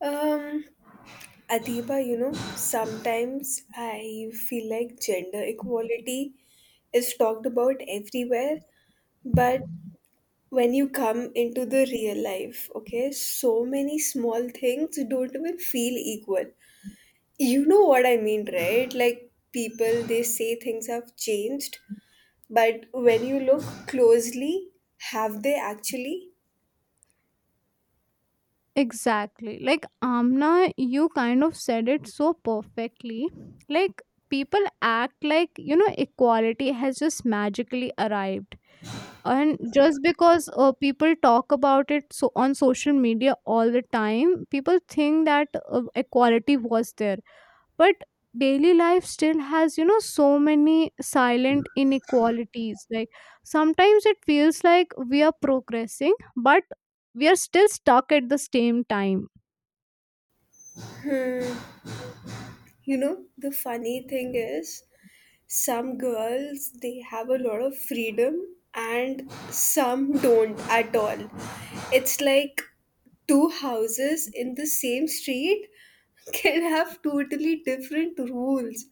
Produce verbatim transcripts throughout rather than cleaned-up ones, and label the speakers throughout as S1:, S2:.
S1: Um, Adiba, you know, sometimes I feel like gender equality is talked about everywhere, but when you come into the real life, okay, so many small things don't even feel equal. You know what I mean, right? Like people, they say things have changed, but when you look closely, have they actually?
S2: Exactly. Like Amna, you kind of said it so perfectly. Like people act like, you know, equality has just magically arrived. And just because uh, people talk about it so on social media all the time, people think that uh, equality was there. But daily life still has, you know, so many silent inequalities. Like sometimes it feels like we are progressing, but we are still stuck at the same time.
S1: You know, the funny thing is, some girls, they have a lot of freedom, and some don't at all. It's like two houses in the same street can have totally different rules.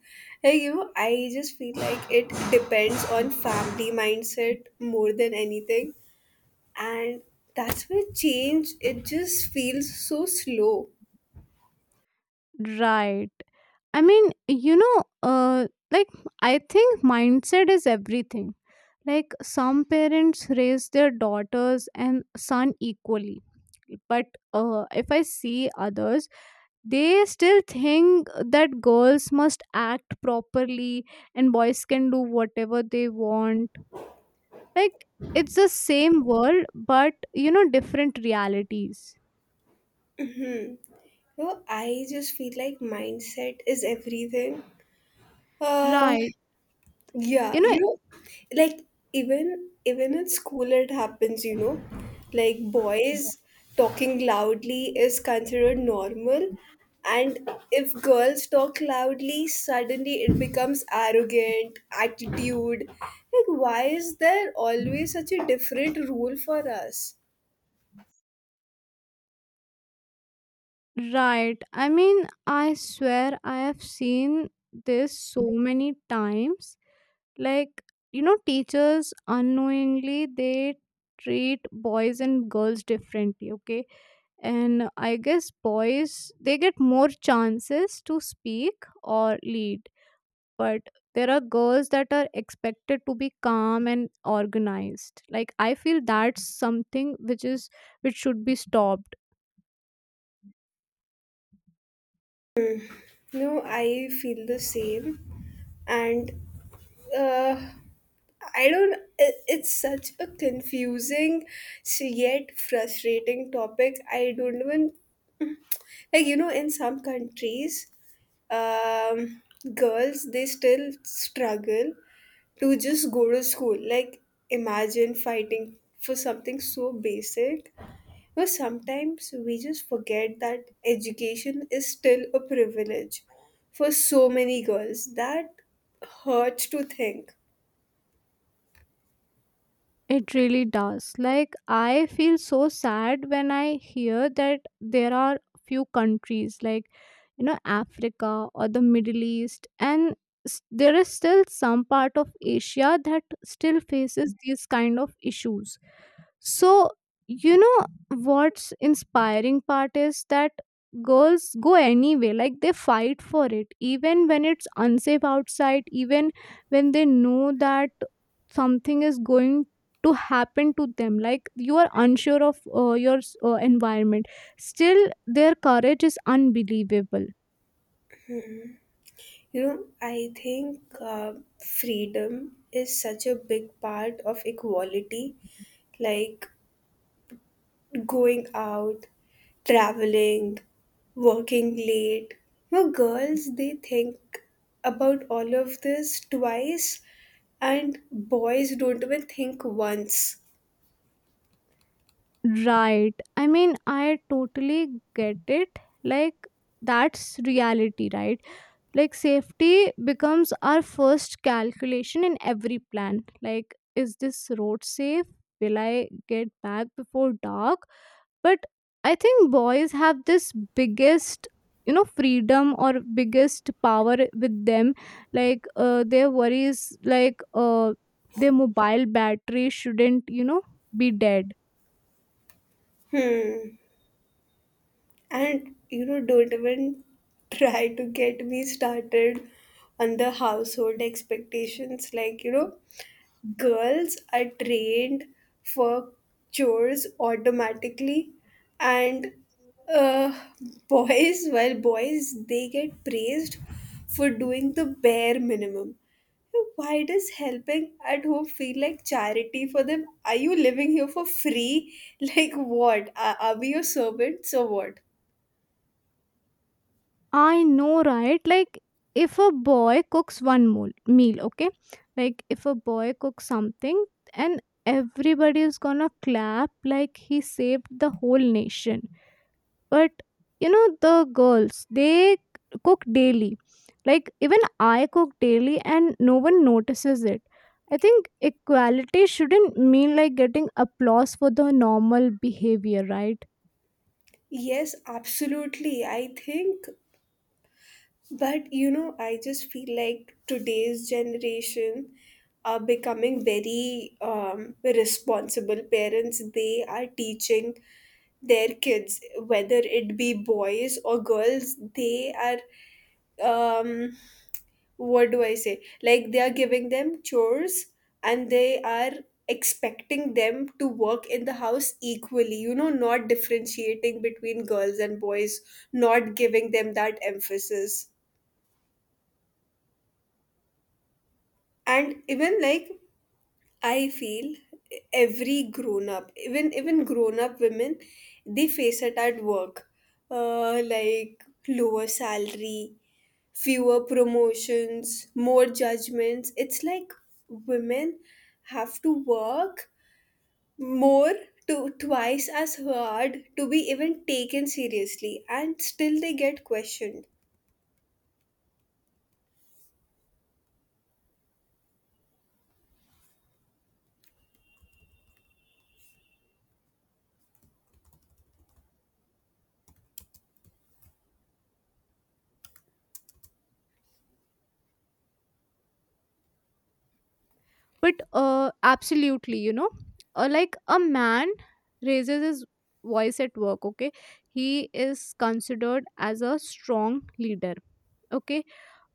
S1: Like, you know I just feel like it depends on family mindset more than anything, and that's where change, it just feels so slow.
S2: Right. I mean, you know, uh, like I think mindset is everything. Like some parents raise their daughters and son equally, but uh, if I see others, they still think that girls must act properly and boys can do whatever they want. Like it's the same world, but you know, different realities.
S1: you know, I just feel like mindset is everything. uh
S2: Right.
S1: Yeah,
S2: You know,
S1: you know, like even even at school it happens, you know, like boys talking loudly is considered normal, and if girls talk loudly, suddenly it becomes arrogant, attitude. Like, why is there always such a different rule for us?
S2: right. I mean, I swear I have seen this so many times. Like, you know, teachers unknowingly they treat boys and girls differently, okay? And I guess boys they get more chances to speak or lead, but there are girls that are expected to be calm and organized. Like I feel that's something which is which should be stopped.
S1: No, I feel the same. And uh, I don't, it, it's such a confusing s- yet frustrating topic. I don't even, like, you know, in some countries, um, girls, they still struggle to just go to school. Like, imagine fighting for something so basic, but sometimes we just forget that education is still a privilege for so many girls. That hurts to think.
S2: It really does. Like, I feel so sad when I hear that there are few countries like, you know, Africa or the Middle East, and s- there is still some part of Asia that still faces these kind of issues. So, you know what's inspiring part is that girls go anyway, like they fight for it, even when it's unsafe outside, even when they know that something is going to happen to them, like you are unsure of uh, your uh, environment. Still their courage is unbelievable.
S1: You know, I think uh, freedom is such a big part of equality, like going out, traveling, working late. You know, girls, they think about all of this twice, and boys don't even think once.
S2: Right, I mean I totally get it. Like that's reality, right? Like safety becomes our first calculation in every plan. Like, is this road safe? Will I get back before dark? But I think boys have this biggest, you know, freedom or biggest power with them. Like uh, their worries, like uh, their mobile battery shouldn't, you know, be dead.
S1: Hmm. And you know, don't even try to get me started on the household expectations. Like, you know, girls are trained for chores automatically, and uh, boys, well, boys, they get praised for doing the bare minimum. So why does helping at home feel like charity for them? Are you living here for free? Like, what? Are, are we your servants or what?
S2: I know, right? Like, if a boy cooks one mool- meal, okay? Like, if a boy cooks something, and everybody is gonna clap like he saved the whole nation. But, you know, the girls, they cook daily. Like, even I cook daily, and no one notices it. I think equality shouldn't mean like getting applause for the normal behavior, right?
S1: Yes, absolutely. I think, but you know, I just feel like today's generation are becoming very um, responsible parents. They are teaching their kids, whether it be boys or girls, they are, um, what do I say? Like, they are giving them chores and they are expecting them to work in the house equally, you know, not differentiating between girls and boys, not giving them that emphasis. And even like I feel every grown up, even even grown up women, they face it at work. Uh, like lower salary, fewer promotions, more judgments. It's like women have to work more, to twice as hard to be even taken seriously, and still they get questioned.
S2: But uh, absolutely, you know, uh, like a man raises his voice at work, okay, he is considered as a strong leader, okay,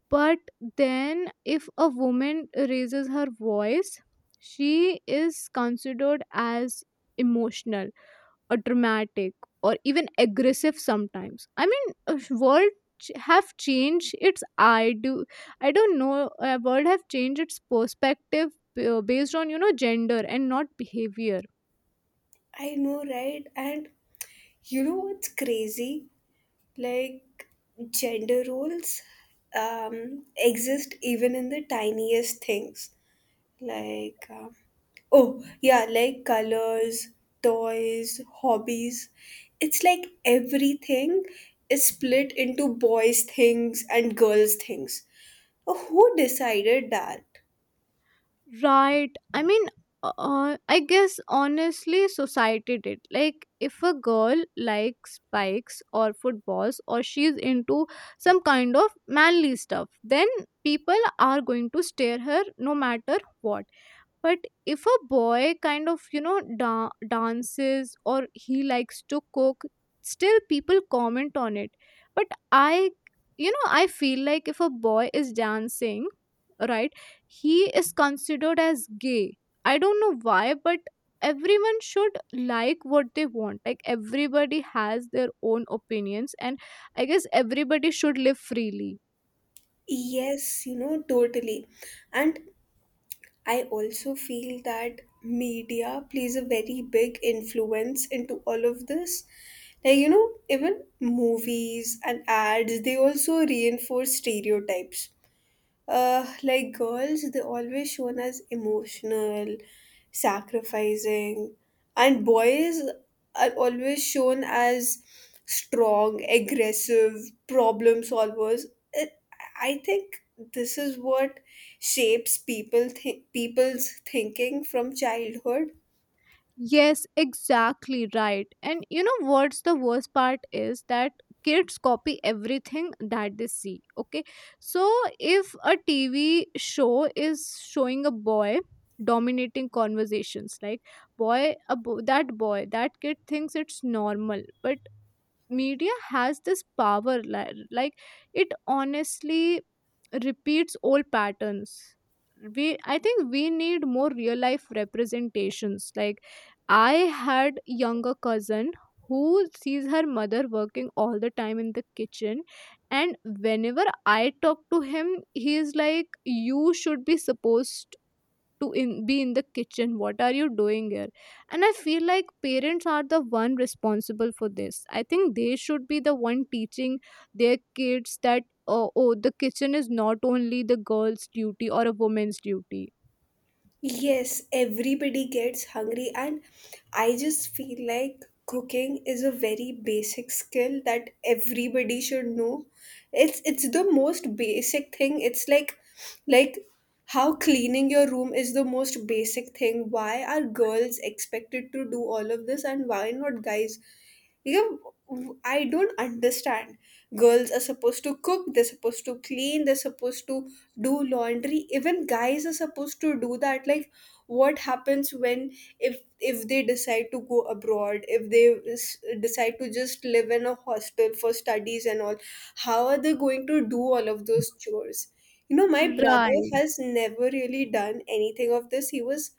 S2: but then if a woman raises her voice she is considered as emotional or dramatic or even aggressive sometimes. I mean, uh, world ch- have changed its, I do I don't know, uh, world have changed its perspective uh, based on, you know, gender and not behavior.
S1: I know, right? And you know what's crazy? Like, gender roles um exist even in the tiniest things, like, uh, oh yeah, like colors, toys, hobbies. It's like everything is split into boys things and girls things. Oh, who decided that?
S2: Right, I mean, uh, uh, I guess honestly society did. Like if a girl likes bikes or footballs or she's into some kind of manly stuff, then people are going to stare her no matter what. But if a boy kind of, you know, da- dances or he likes to cook, still people comment on it. But i you know, I feel like if a boy is dancing, right, he is considered as gay. I don't know why, but everyone should like what they want. Like everybody has their own opinions, and I guess everybody should live freely.
S1: Yes, you know totally. And I also feel that media plays a very big influence into all of this, like, you know even movies and ads, they also reinforce stereotypes. Uh, like girls, they're always shown as emotional, sacrificing, and boys are always shown as strong, aggressive, problem solvers. It, I think this is what shapes people think people's thinking from childhood.
S2: Yes, exactly right. And you know what's the worst part is that kids copy everything that they see. Okay. So if a T V show is showing a boy dominating conversations, like boy a bo- that boy that kid thinks it's normal. But media has this power, li- like it honestly repeats old patterns. We i think we need more real life representations. Like I had younger cousin who sees her mother working all the time in the kitchen, and whenever I talk to him he is like, "You should be supposed to in, be in the kitchen, what are you doing here?" And I feel like parents are the one responsible for this. I think they should be the one teaching their kids that uh, oh the kitchen is not only the girl's duty or a woman's duty.
S1: Yes, everybody gets hungry, and I just feel like cooking is a very basic skill that everybody should know. It's it's the most basic thing. It's like like how cleaning your room is the most basic thing. Why are girls expected to do all of this, and why not guys? You know, I don't understand. Girls are supposed to cook, they're supposed to clean, they're supposed to do laundry. Even guys are supposed to do that. Like, what happens when if if they decide to go abroad, if they s- decide to just live in a hostel for studies and all, how are they going to do all of those chores? You know my brother
S2: Right.
S1: has never really done anything of this. He was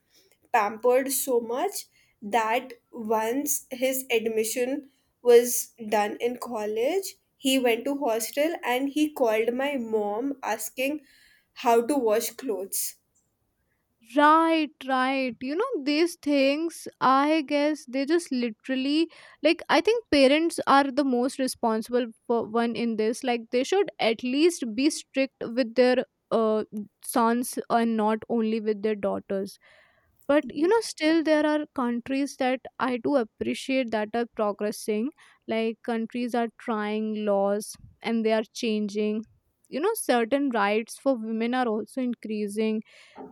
S1: pampered so much that once his admission was done in college, he went to hostel and he called my mom asking how to wash clothes.
S2: Right, right. You know, these things, I guess they just literally, like, I think parents are the most responsible for one in this. Like, they should at least be strict with their uh, sons and not only with their daughters. But, you know, still there are countries that I do appreciate that are progressing. Like, countries are trying laws and they are changing. You know, certain rights for women are also increasing.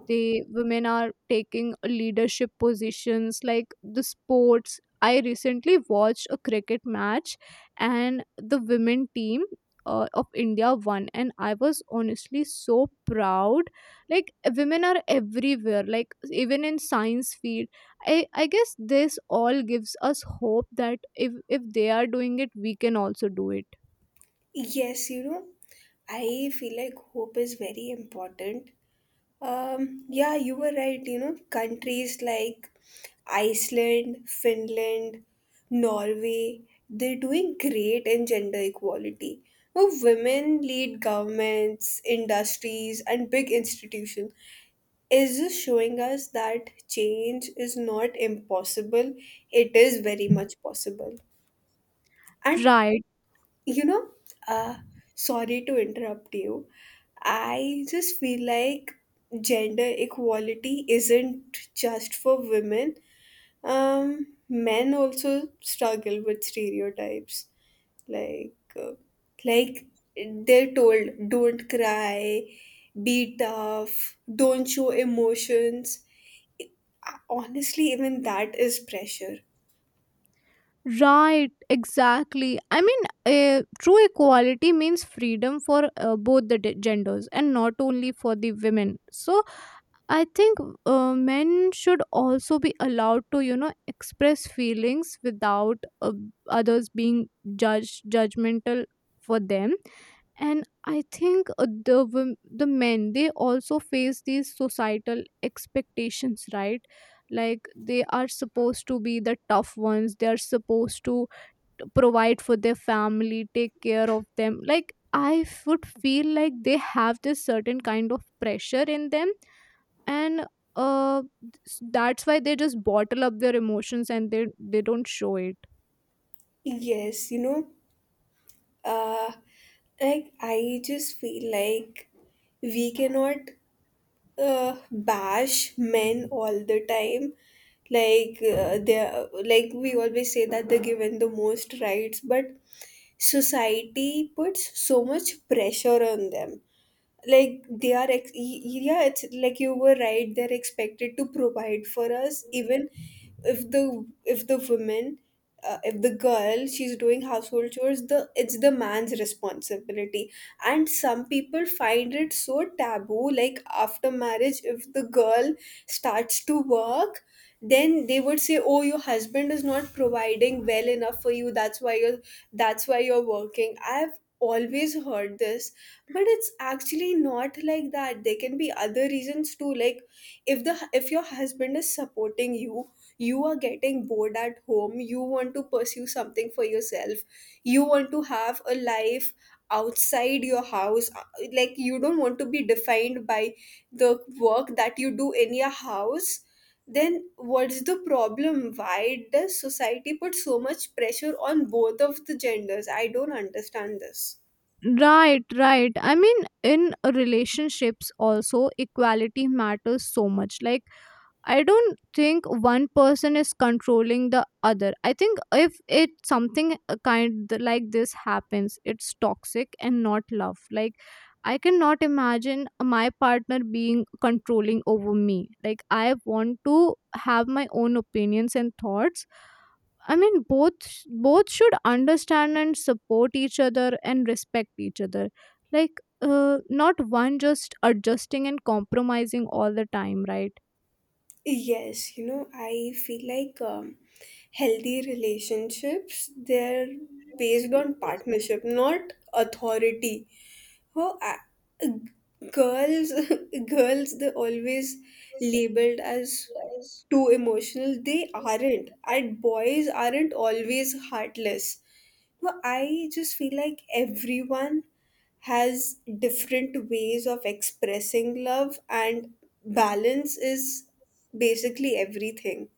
S2: The women are taking leadership positions, like the sports. I recently watched a cricket match, and the women team uh, of India won, and I was honestly so proud. Like women are everywhere, like even in science field. I i guess this all gives us hope that if if they are doing it, we can also do it.
S1: Yes you know I feel like hope is very important. Um, yeah, you were right. You know, countries like Iceland, Finland, Norway, they're doing great in gender equality. Now, women lead governments, industries, and big institutions. Is this showing us that change is not impossible? It is very much possible. And
S2: Right.
S1: you know, uh, sorry to interrupt you. I just feel like gender equality isn't just for women. Um, men also struggle with stereotypes. Like, uh, like they're told, don't cry, be tough, don't show emotions. Honestly, even that is pressure.
S2: Right, exactly. I mean, uh, true equality means freedom for uh, both the de- genders and not only for the women. So, I think uh, men should also be allowed to, you know, express feelings without uh, others being judged judgmental for them. And I think uh, the wom- the men they also face these societal expectations, right? Like they are supposed to be the tough ones. They are supposed to provide for their family, take care of them. Like I f- would feel like they have this certain kind of pressure in them, and uh s- that's why they just bottle up their emotions, and they they don't show it.
S1: Yes, you know, uh like I just feel like we cannot uh, bash men all the time, like uh, they like we always say that they're given the most rights, but society puts so much pressure on them, like they are ex- y- yeah, it's like you were right, they're expected to provide for us, even if the if the woman uh, if the girl, she's doing household chores, the it's the man's responsibility. And some people find it so taboo, like after marriage, if the girl starts to work, then they would say, oh, your husband is not providing well enough for you, that's why you're that's why you're working. I've always heard this, but it's actually not like that, there can be other reasons too. Like, if the if your husband is supporting you, you are getting bored at home, you want to pursue something for yourself, you want to have a life outside your house, uh, like you don't want to be defined by the work that you do in your house, then what's the problem? Why does society put so much pressure on both of the genders? I don't understand this.
S2: Right, right, I mean, in relationships also equality matters so much. Like, I don't think one person is controlling the other. I think if it something uh, kind like this happens, it's toxic and not love. Like I cannot imagine my partner being controlling over me. Like I want to have my own opinions and thoughts. I mean, both both should understand and support each other and respect each other. Like uh, not one just adjusting and compromising all the time, right?
S1: Yes, you know, I feel like um, healthy relationships, they're based on partnership, not authority. Oh, uh, girls, girls, they're always labeled as
S2: Realize.
S1: too emotional. They aren't. And boys aren't always heartless. No, I just feel like everyone has different ways of expressing love, and balance is basically everything.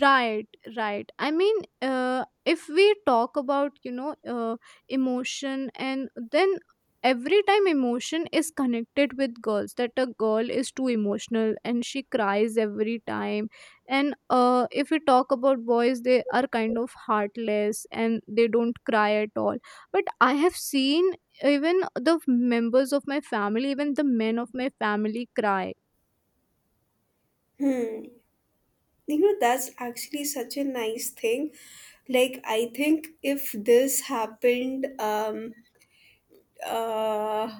S2: Right, right. I mean, uh, if we talk about, you know, uh, emotion, and then every time emotion is connected with girls, that a girl is too emotional and she cries every time. And uh, if we talk about boys, they are kind of heartless and they don't cry at all. But I have seen even the members of my family, even the men of my family cry.
S1: You know, that's actually such a nice thing. Like, I think if this happened, um, uh,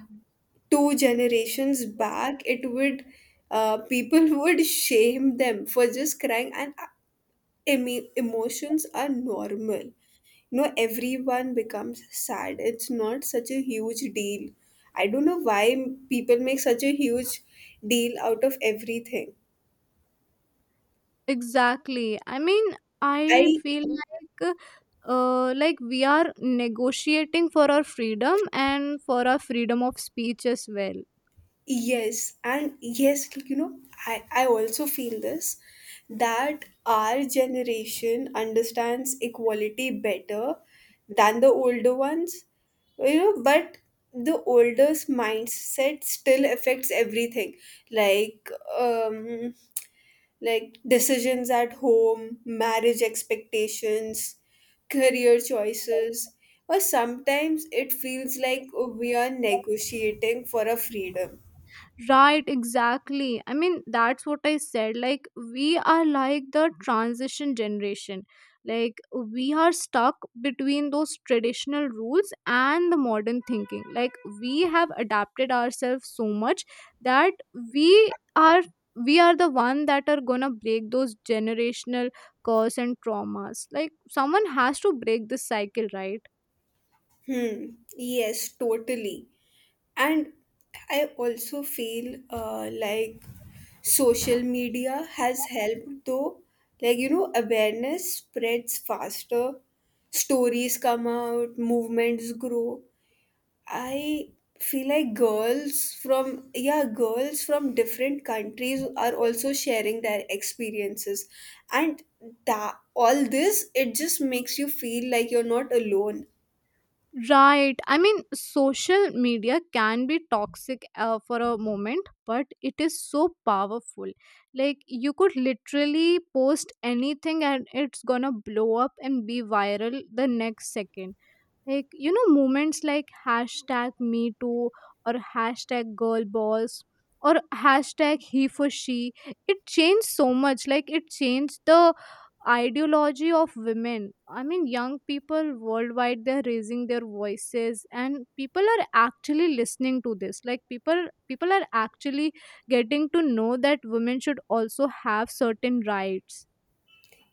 S1: two generations back, it would uh, people would shame them for just crying, and uh, emo- emotions are normal. You know, everyone becomes sad. It's not such a huge deal. I don't know why people make such a huge deal out of everything.
S2: Exactly. I mean, I
S1: I
S2: feel like uh, like we are negotiating for our freedom and for our freedom of speech as well.
S1: Yes, and yes, like, you know, I, I also feel this, that our generation understands equality better than the older ones, you know, but the older's mindset still affects everything, like um, like decisions at home, marriage expectations, career choices, or sometimes it feels like we are negotiating for a freedom.
S2: Right, exactly. I mean, that's what I said. Like, we are like the transition generation. Like, we are stuck between those traditional rules and the modern thinking. Like, we have adapted ourselves so much that we are we are the one that are gonna break those generational curse and traumas. Like someone has to break this cycle, right?
S1: Hmm. Yes, totally. And I also feel, uh, like social media has helped though. Like, you know, awareness spreads faster, stories come out, movements grow. I feel like girls from, yeah, girls from different countries are also sharing their experiences. And that, all this, it just makes you feel like you're not alone.
S2: Right. I mean, social media can be toxic uh, for a moment, but it is so powerful. Like, you could literally post anything and it's gonna blow up and be viral the next second. Like, you know, moments like hashtag me too or hashtag girl boss or hashtag he for she, it changed so much. Like, it changed the ideology of women. I mean, young people worldwide they're raising their voices and people are actually listening to this. Like, people people are actually getting to know that women should also have certain rights.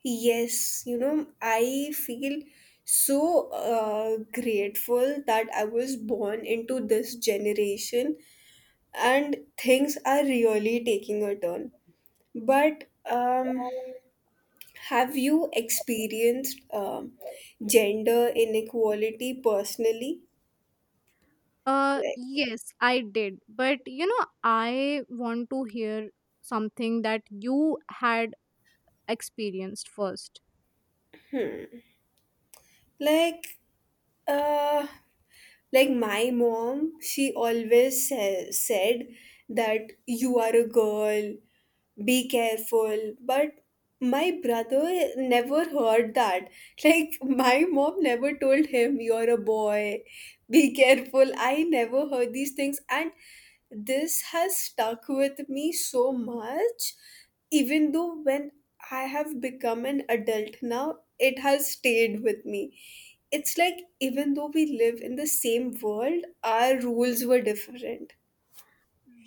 S1: Yes, you know, I feel so uh, grateful that I was born into this generation and things are really taking a turn. But um, have you experienced um, gender inequality personally?
S2: Uh,
S1: Like,
S2: yes, I did. But you know, I want to hear something that you had experienced first.
S1: like uh, like my mom, she always sa- said that you are a girl, be careful, but my brother never heard that. Like, my mom never told him, you're a boy, be careful, I never heard these things, and this has stuck with me so much, even though when I have become an adult now, it has stayed with me. It's like, even though we live in the same world, our rules were different.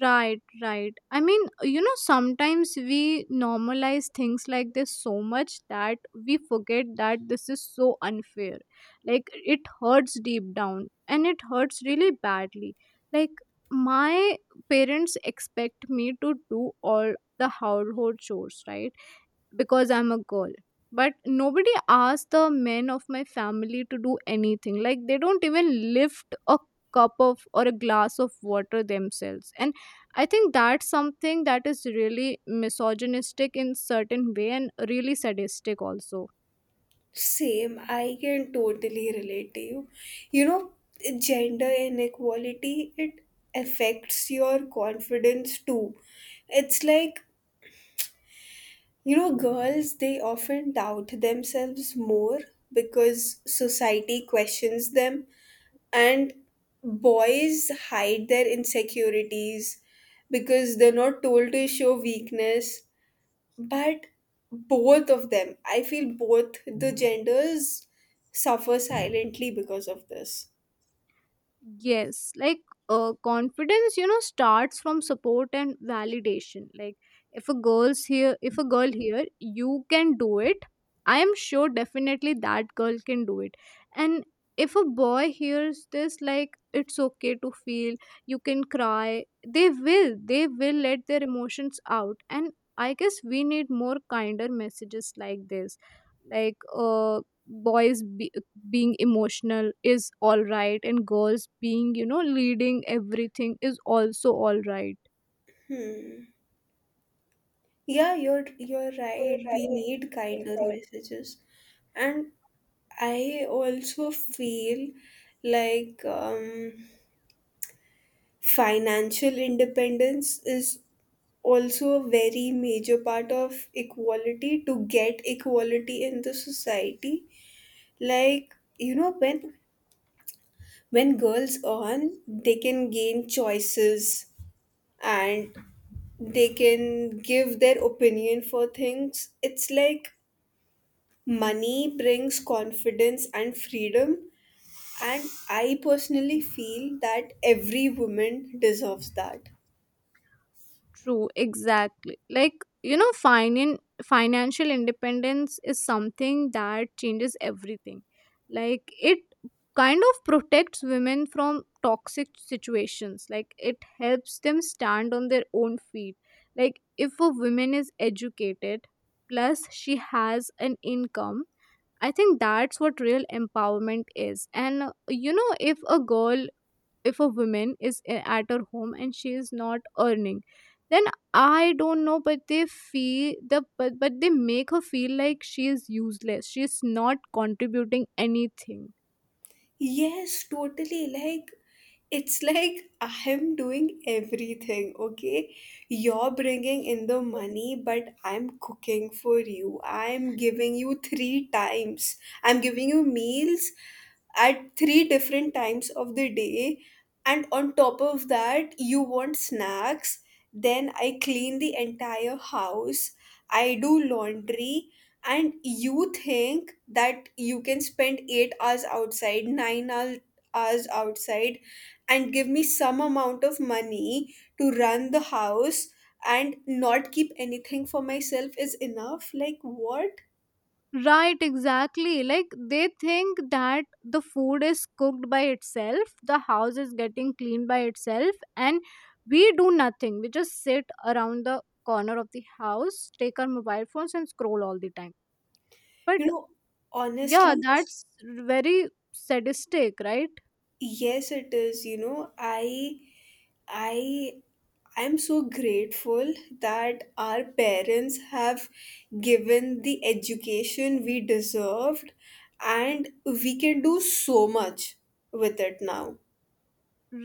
S2: Right, right. I mean, you know, sometimes we normalize things like this so much that we forget that this is so unfair. Like, it hurts deep down and it hurts really badly. Like, my parents expect me to do all the household chores, right? Because I'm a girl. But nobody asked the men of my family to do anything. Like they don't even lift a cup of or a glass of water themselves. And I think that's something that is really misogynistic in certain way and really sadistic also.
S1: Same, I can totally relate to you. You know, Gender inequality, it affects your confidence too. It's like, you know, girls, they often doubt themselves more because society questions them, and boys hide their insecurities because they're not told to show weakness, but both of them, I feel, both the genders suffer silently because of this.
S2: Yes, like uh, confidence, you know, starts from support and validation. Like if a girl's here, if a girl here, you can do it. I am sure definitely that girl can do it. And if a boy hears this, like it's okay to feel, you can cry. They will, they will let their emotions out. And I guess we need more kinder messages like this. Like uh, boys be, being emotional is all right and girls being, you know, leading everything is also all right.
S1: hmm. Yeah, you're you're right, we need kinder messages. And I also feel like um financial independence is also a very major part of equality, to get equality in the society. Like, you know when when girls earn, they can gain choices and they can give their opinion for things. It's like money brings confidence and freedom, and I personally feel that every woman deserves that.
S2: True, exactly. Like, you know, finan- financial independence is something that changes everything. Like, it kind of protects women from toxic situations. Like, it helps them stand on their own feet. Like, if a woman is educated, plus she has an income, I think that's what real empowerment is. And, uh, you know, if a girl if a woman is a- at her home and she is not earning, then I don't know, but they feel the but, but they make her feel like she is useless, she is not contributing anything.
S1: Yes, totally. Like, it's like I am doing everything, okay? You're bringing in the money, but I'm cooking for you. I'm giving you three times. I'm giving you meals at three different times of the day. And on top of that, you want snacks. Then I clean the entire house. I do laundry, and you think that you can spend eight hours outside, nine hour, hours outside, and give me some amount of money to run the house and not keep anything for myself, is enough? Like, what?
S2: Right, exactly. Like they think that the food is cooked by itself, the house is getting cleaned by itself, and we do nothing. We just sit around the corner of the house, take our mobile phones and scroll all the time.
S1: you
S2: But
S1: know
S2: yeah,
S1: Honestly,
S2: that's very sadistic, right?
S1: yes it is. you know i i I'm so grateful that our parents have given the education we deserved, and we can do so much with it now.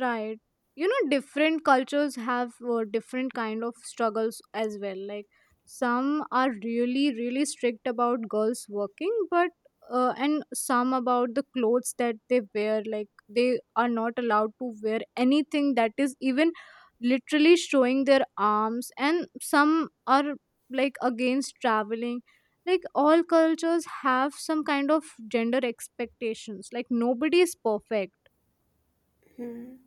S2: Right. You know, different cultures have uh, different kind of struggles as well. Like some are really really strict about girls working, but uh, and some about the clothes that they wear. Like they are not allowed to wear anything that is even literally showing their arms, and some are like against traveling. Like all cultures have some kind of gender expectations. Like nobody is perfect.
S1: Hmm.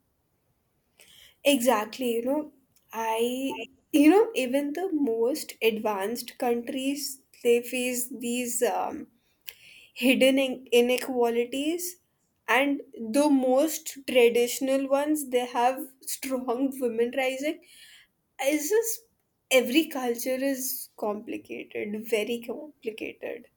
S1: Exactly, you know, I, you know, even the most advanced countries, they face these um, hidden in- inequalities, and the most traditional ones, they have strong women rising. It's just every culture is complicated, very complicated.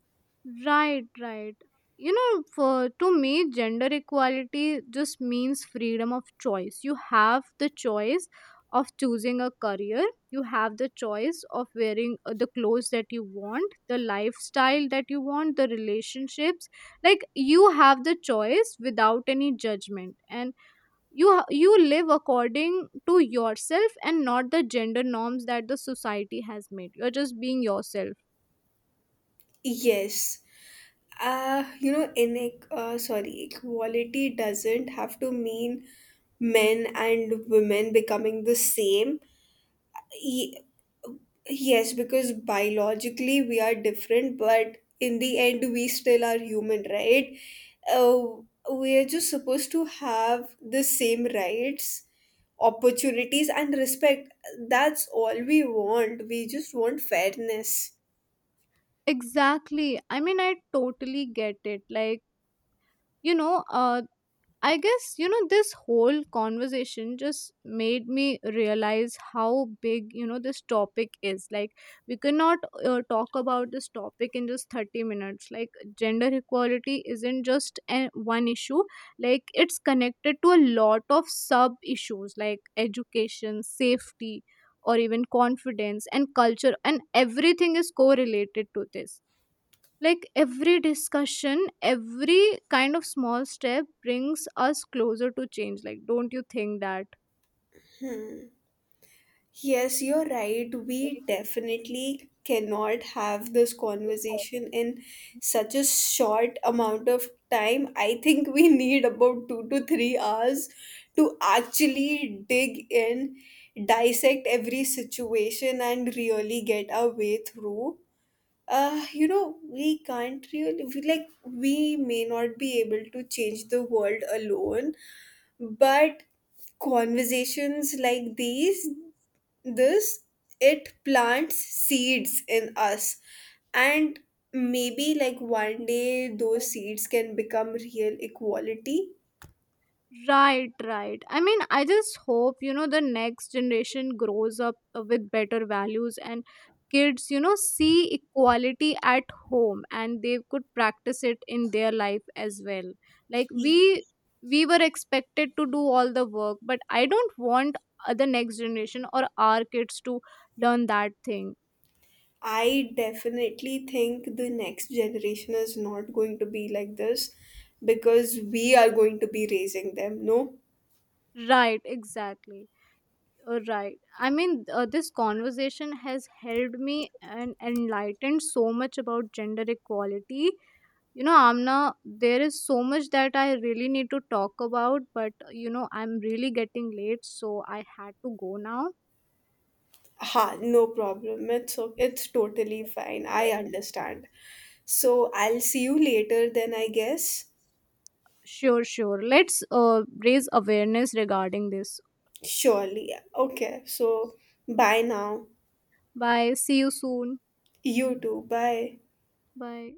S2: Right, right. You know, for to me, gender equality just means freedom of choice. You have the choice of choosing a career. You have the choice of wearing uh, the clothes that you want, the lifestyle that you want, the relationships. Like you have the choice without any judgment, and you ha- you live according to yourself and not the gender norms that the society has made. You're just being yourself.
S1: Yes. Uh, you know, in uh, sorry, equality doesn't have to mean men and women becoming the same. E- Yes, because biologically we are different, but in the end we still are human, right? Uh, we are just supposed to have the same rights, opportunities, and respect. That's all we want. We just want fairness.
S2: Exactly. I mean, I totally get it. Like, you know, uh, I guess, you know, this whole conversation just made me realize how big, you know, this topic is. Like, we cannot uh, talk about this topic in just thirty minutes. Like, gender equality isn't just an, one issue, like, it's connected to a lot of sub issues like education, safety, or even confidence and culture, and everything is correlated to this. Like every discussion, every kind of small step brings us closer to change. Like, don't you think that?
S1: Yes, you're right. We definitely cannot have this conversation in such a short amount of time. I think we need about two to three hours to actually dig in, dissect every situation, and really get our way through. Uh, you know, we can't really, we, like, we may not be able to change the world alone, but conversations like these, this it plants seeds in us, and maybe like one day those seeds can become real equality.
S2: Right, right. I mean, I just hope, you know, the next generation grows up uh, with better values and kids, you know, see equality at home and they could practice it in their life as well. Like
S1: Ye-
S2: we we were expected to do all the work, but I don't want uh, the next generation or our kids to learn that thing.
S1: I definitely think the next generation is not going to be like this, because we are going to be raising them, no?
S2: Right, exactly. Uh, Right. I mean, uh, this conversation has helped me and enlightened so much about gender equality. You know, Amna, there is so much that I really need to talk about, but uh, you know, I'm really getting late, so I had to go now.
S1: Ha, no problem, it's o- it's totally fine, I understand. So I'll see you later then, I guess.
S2: Sure, sure. Let's uh, raise awareness regarding this.
S1: Surely. Yeah. Okay. So bye now.
S2: Bye. See you soon.
S1: You too. Bye.
S2: Bye.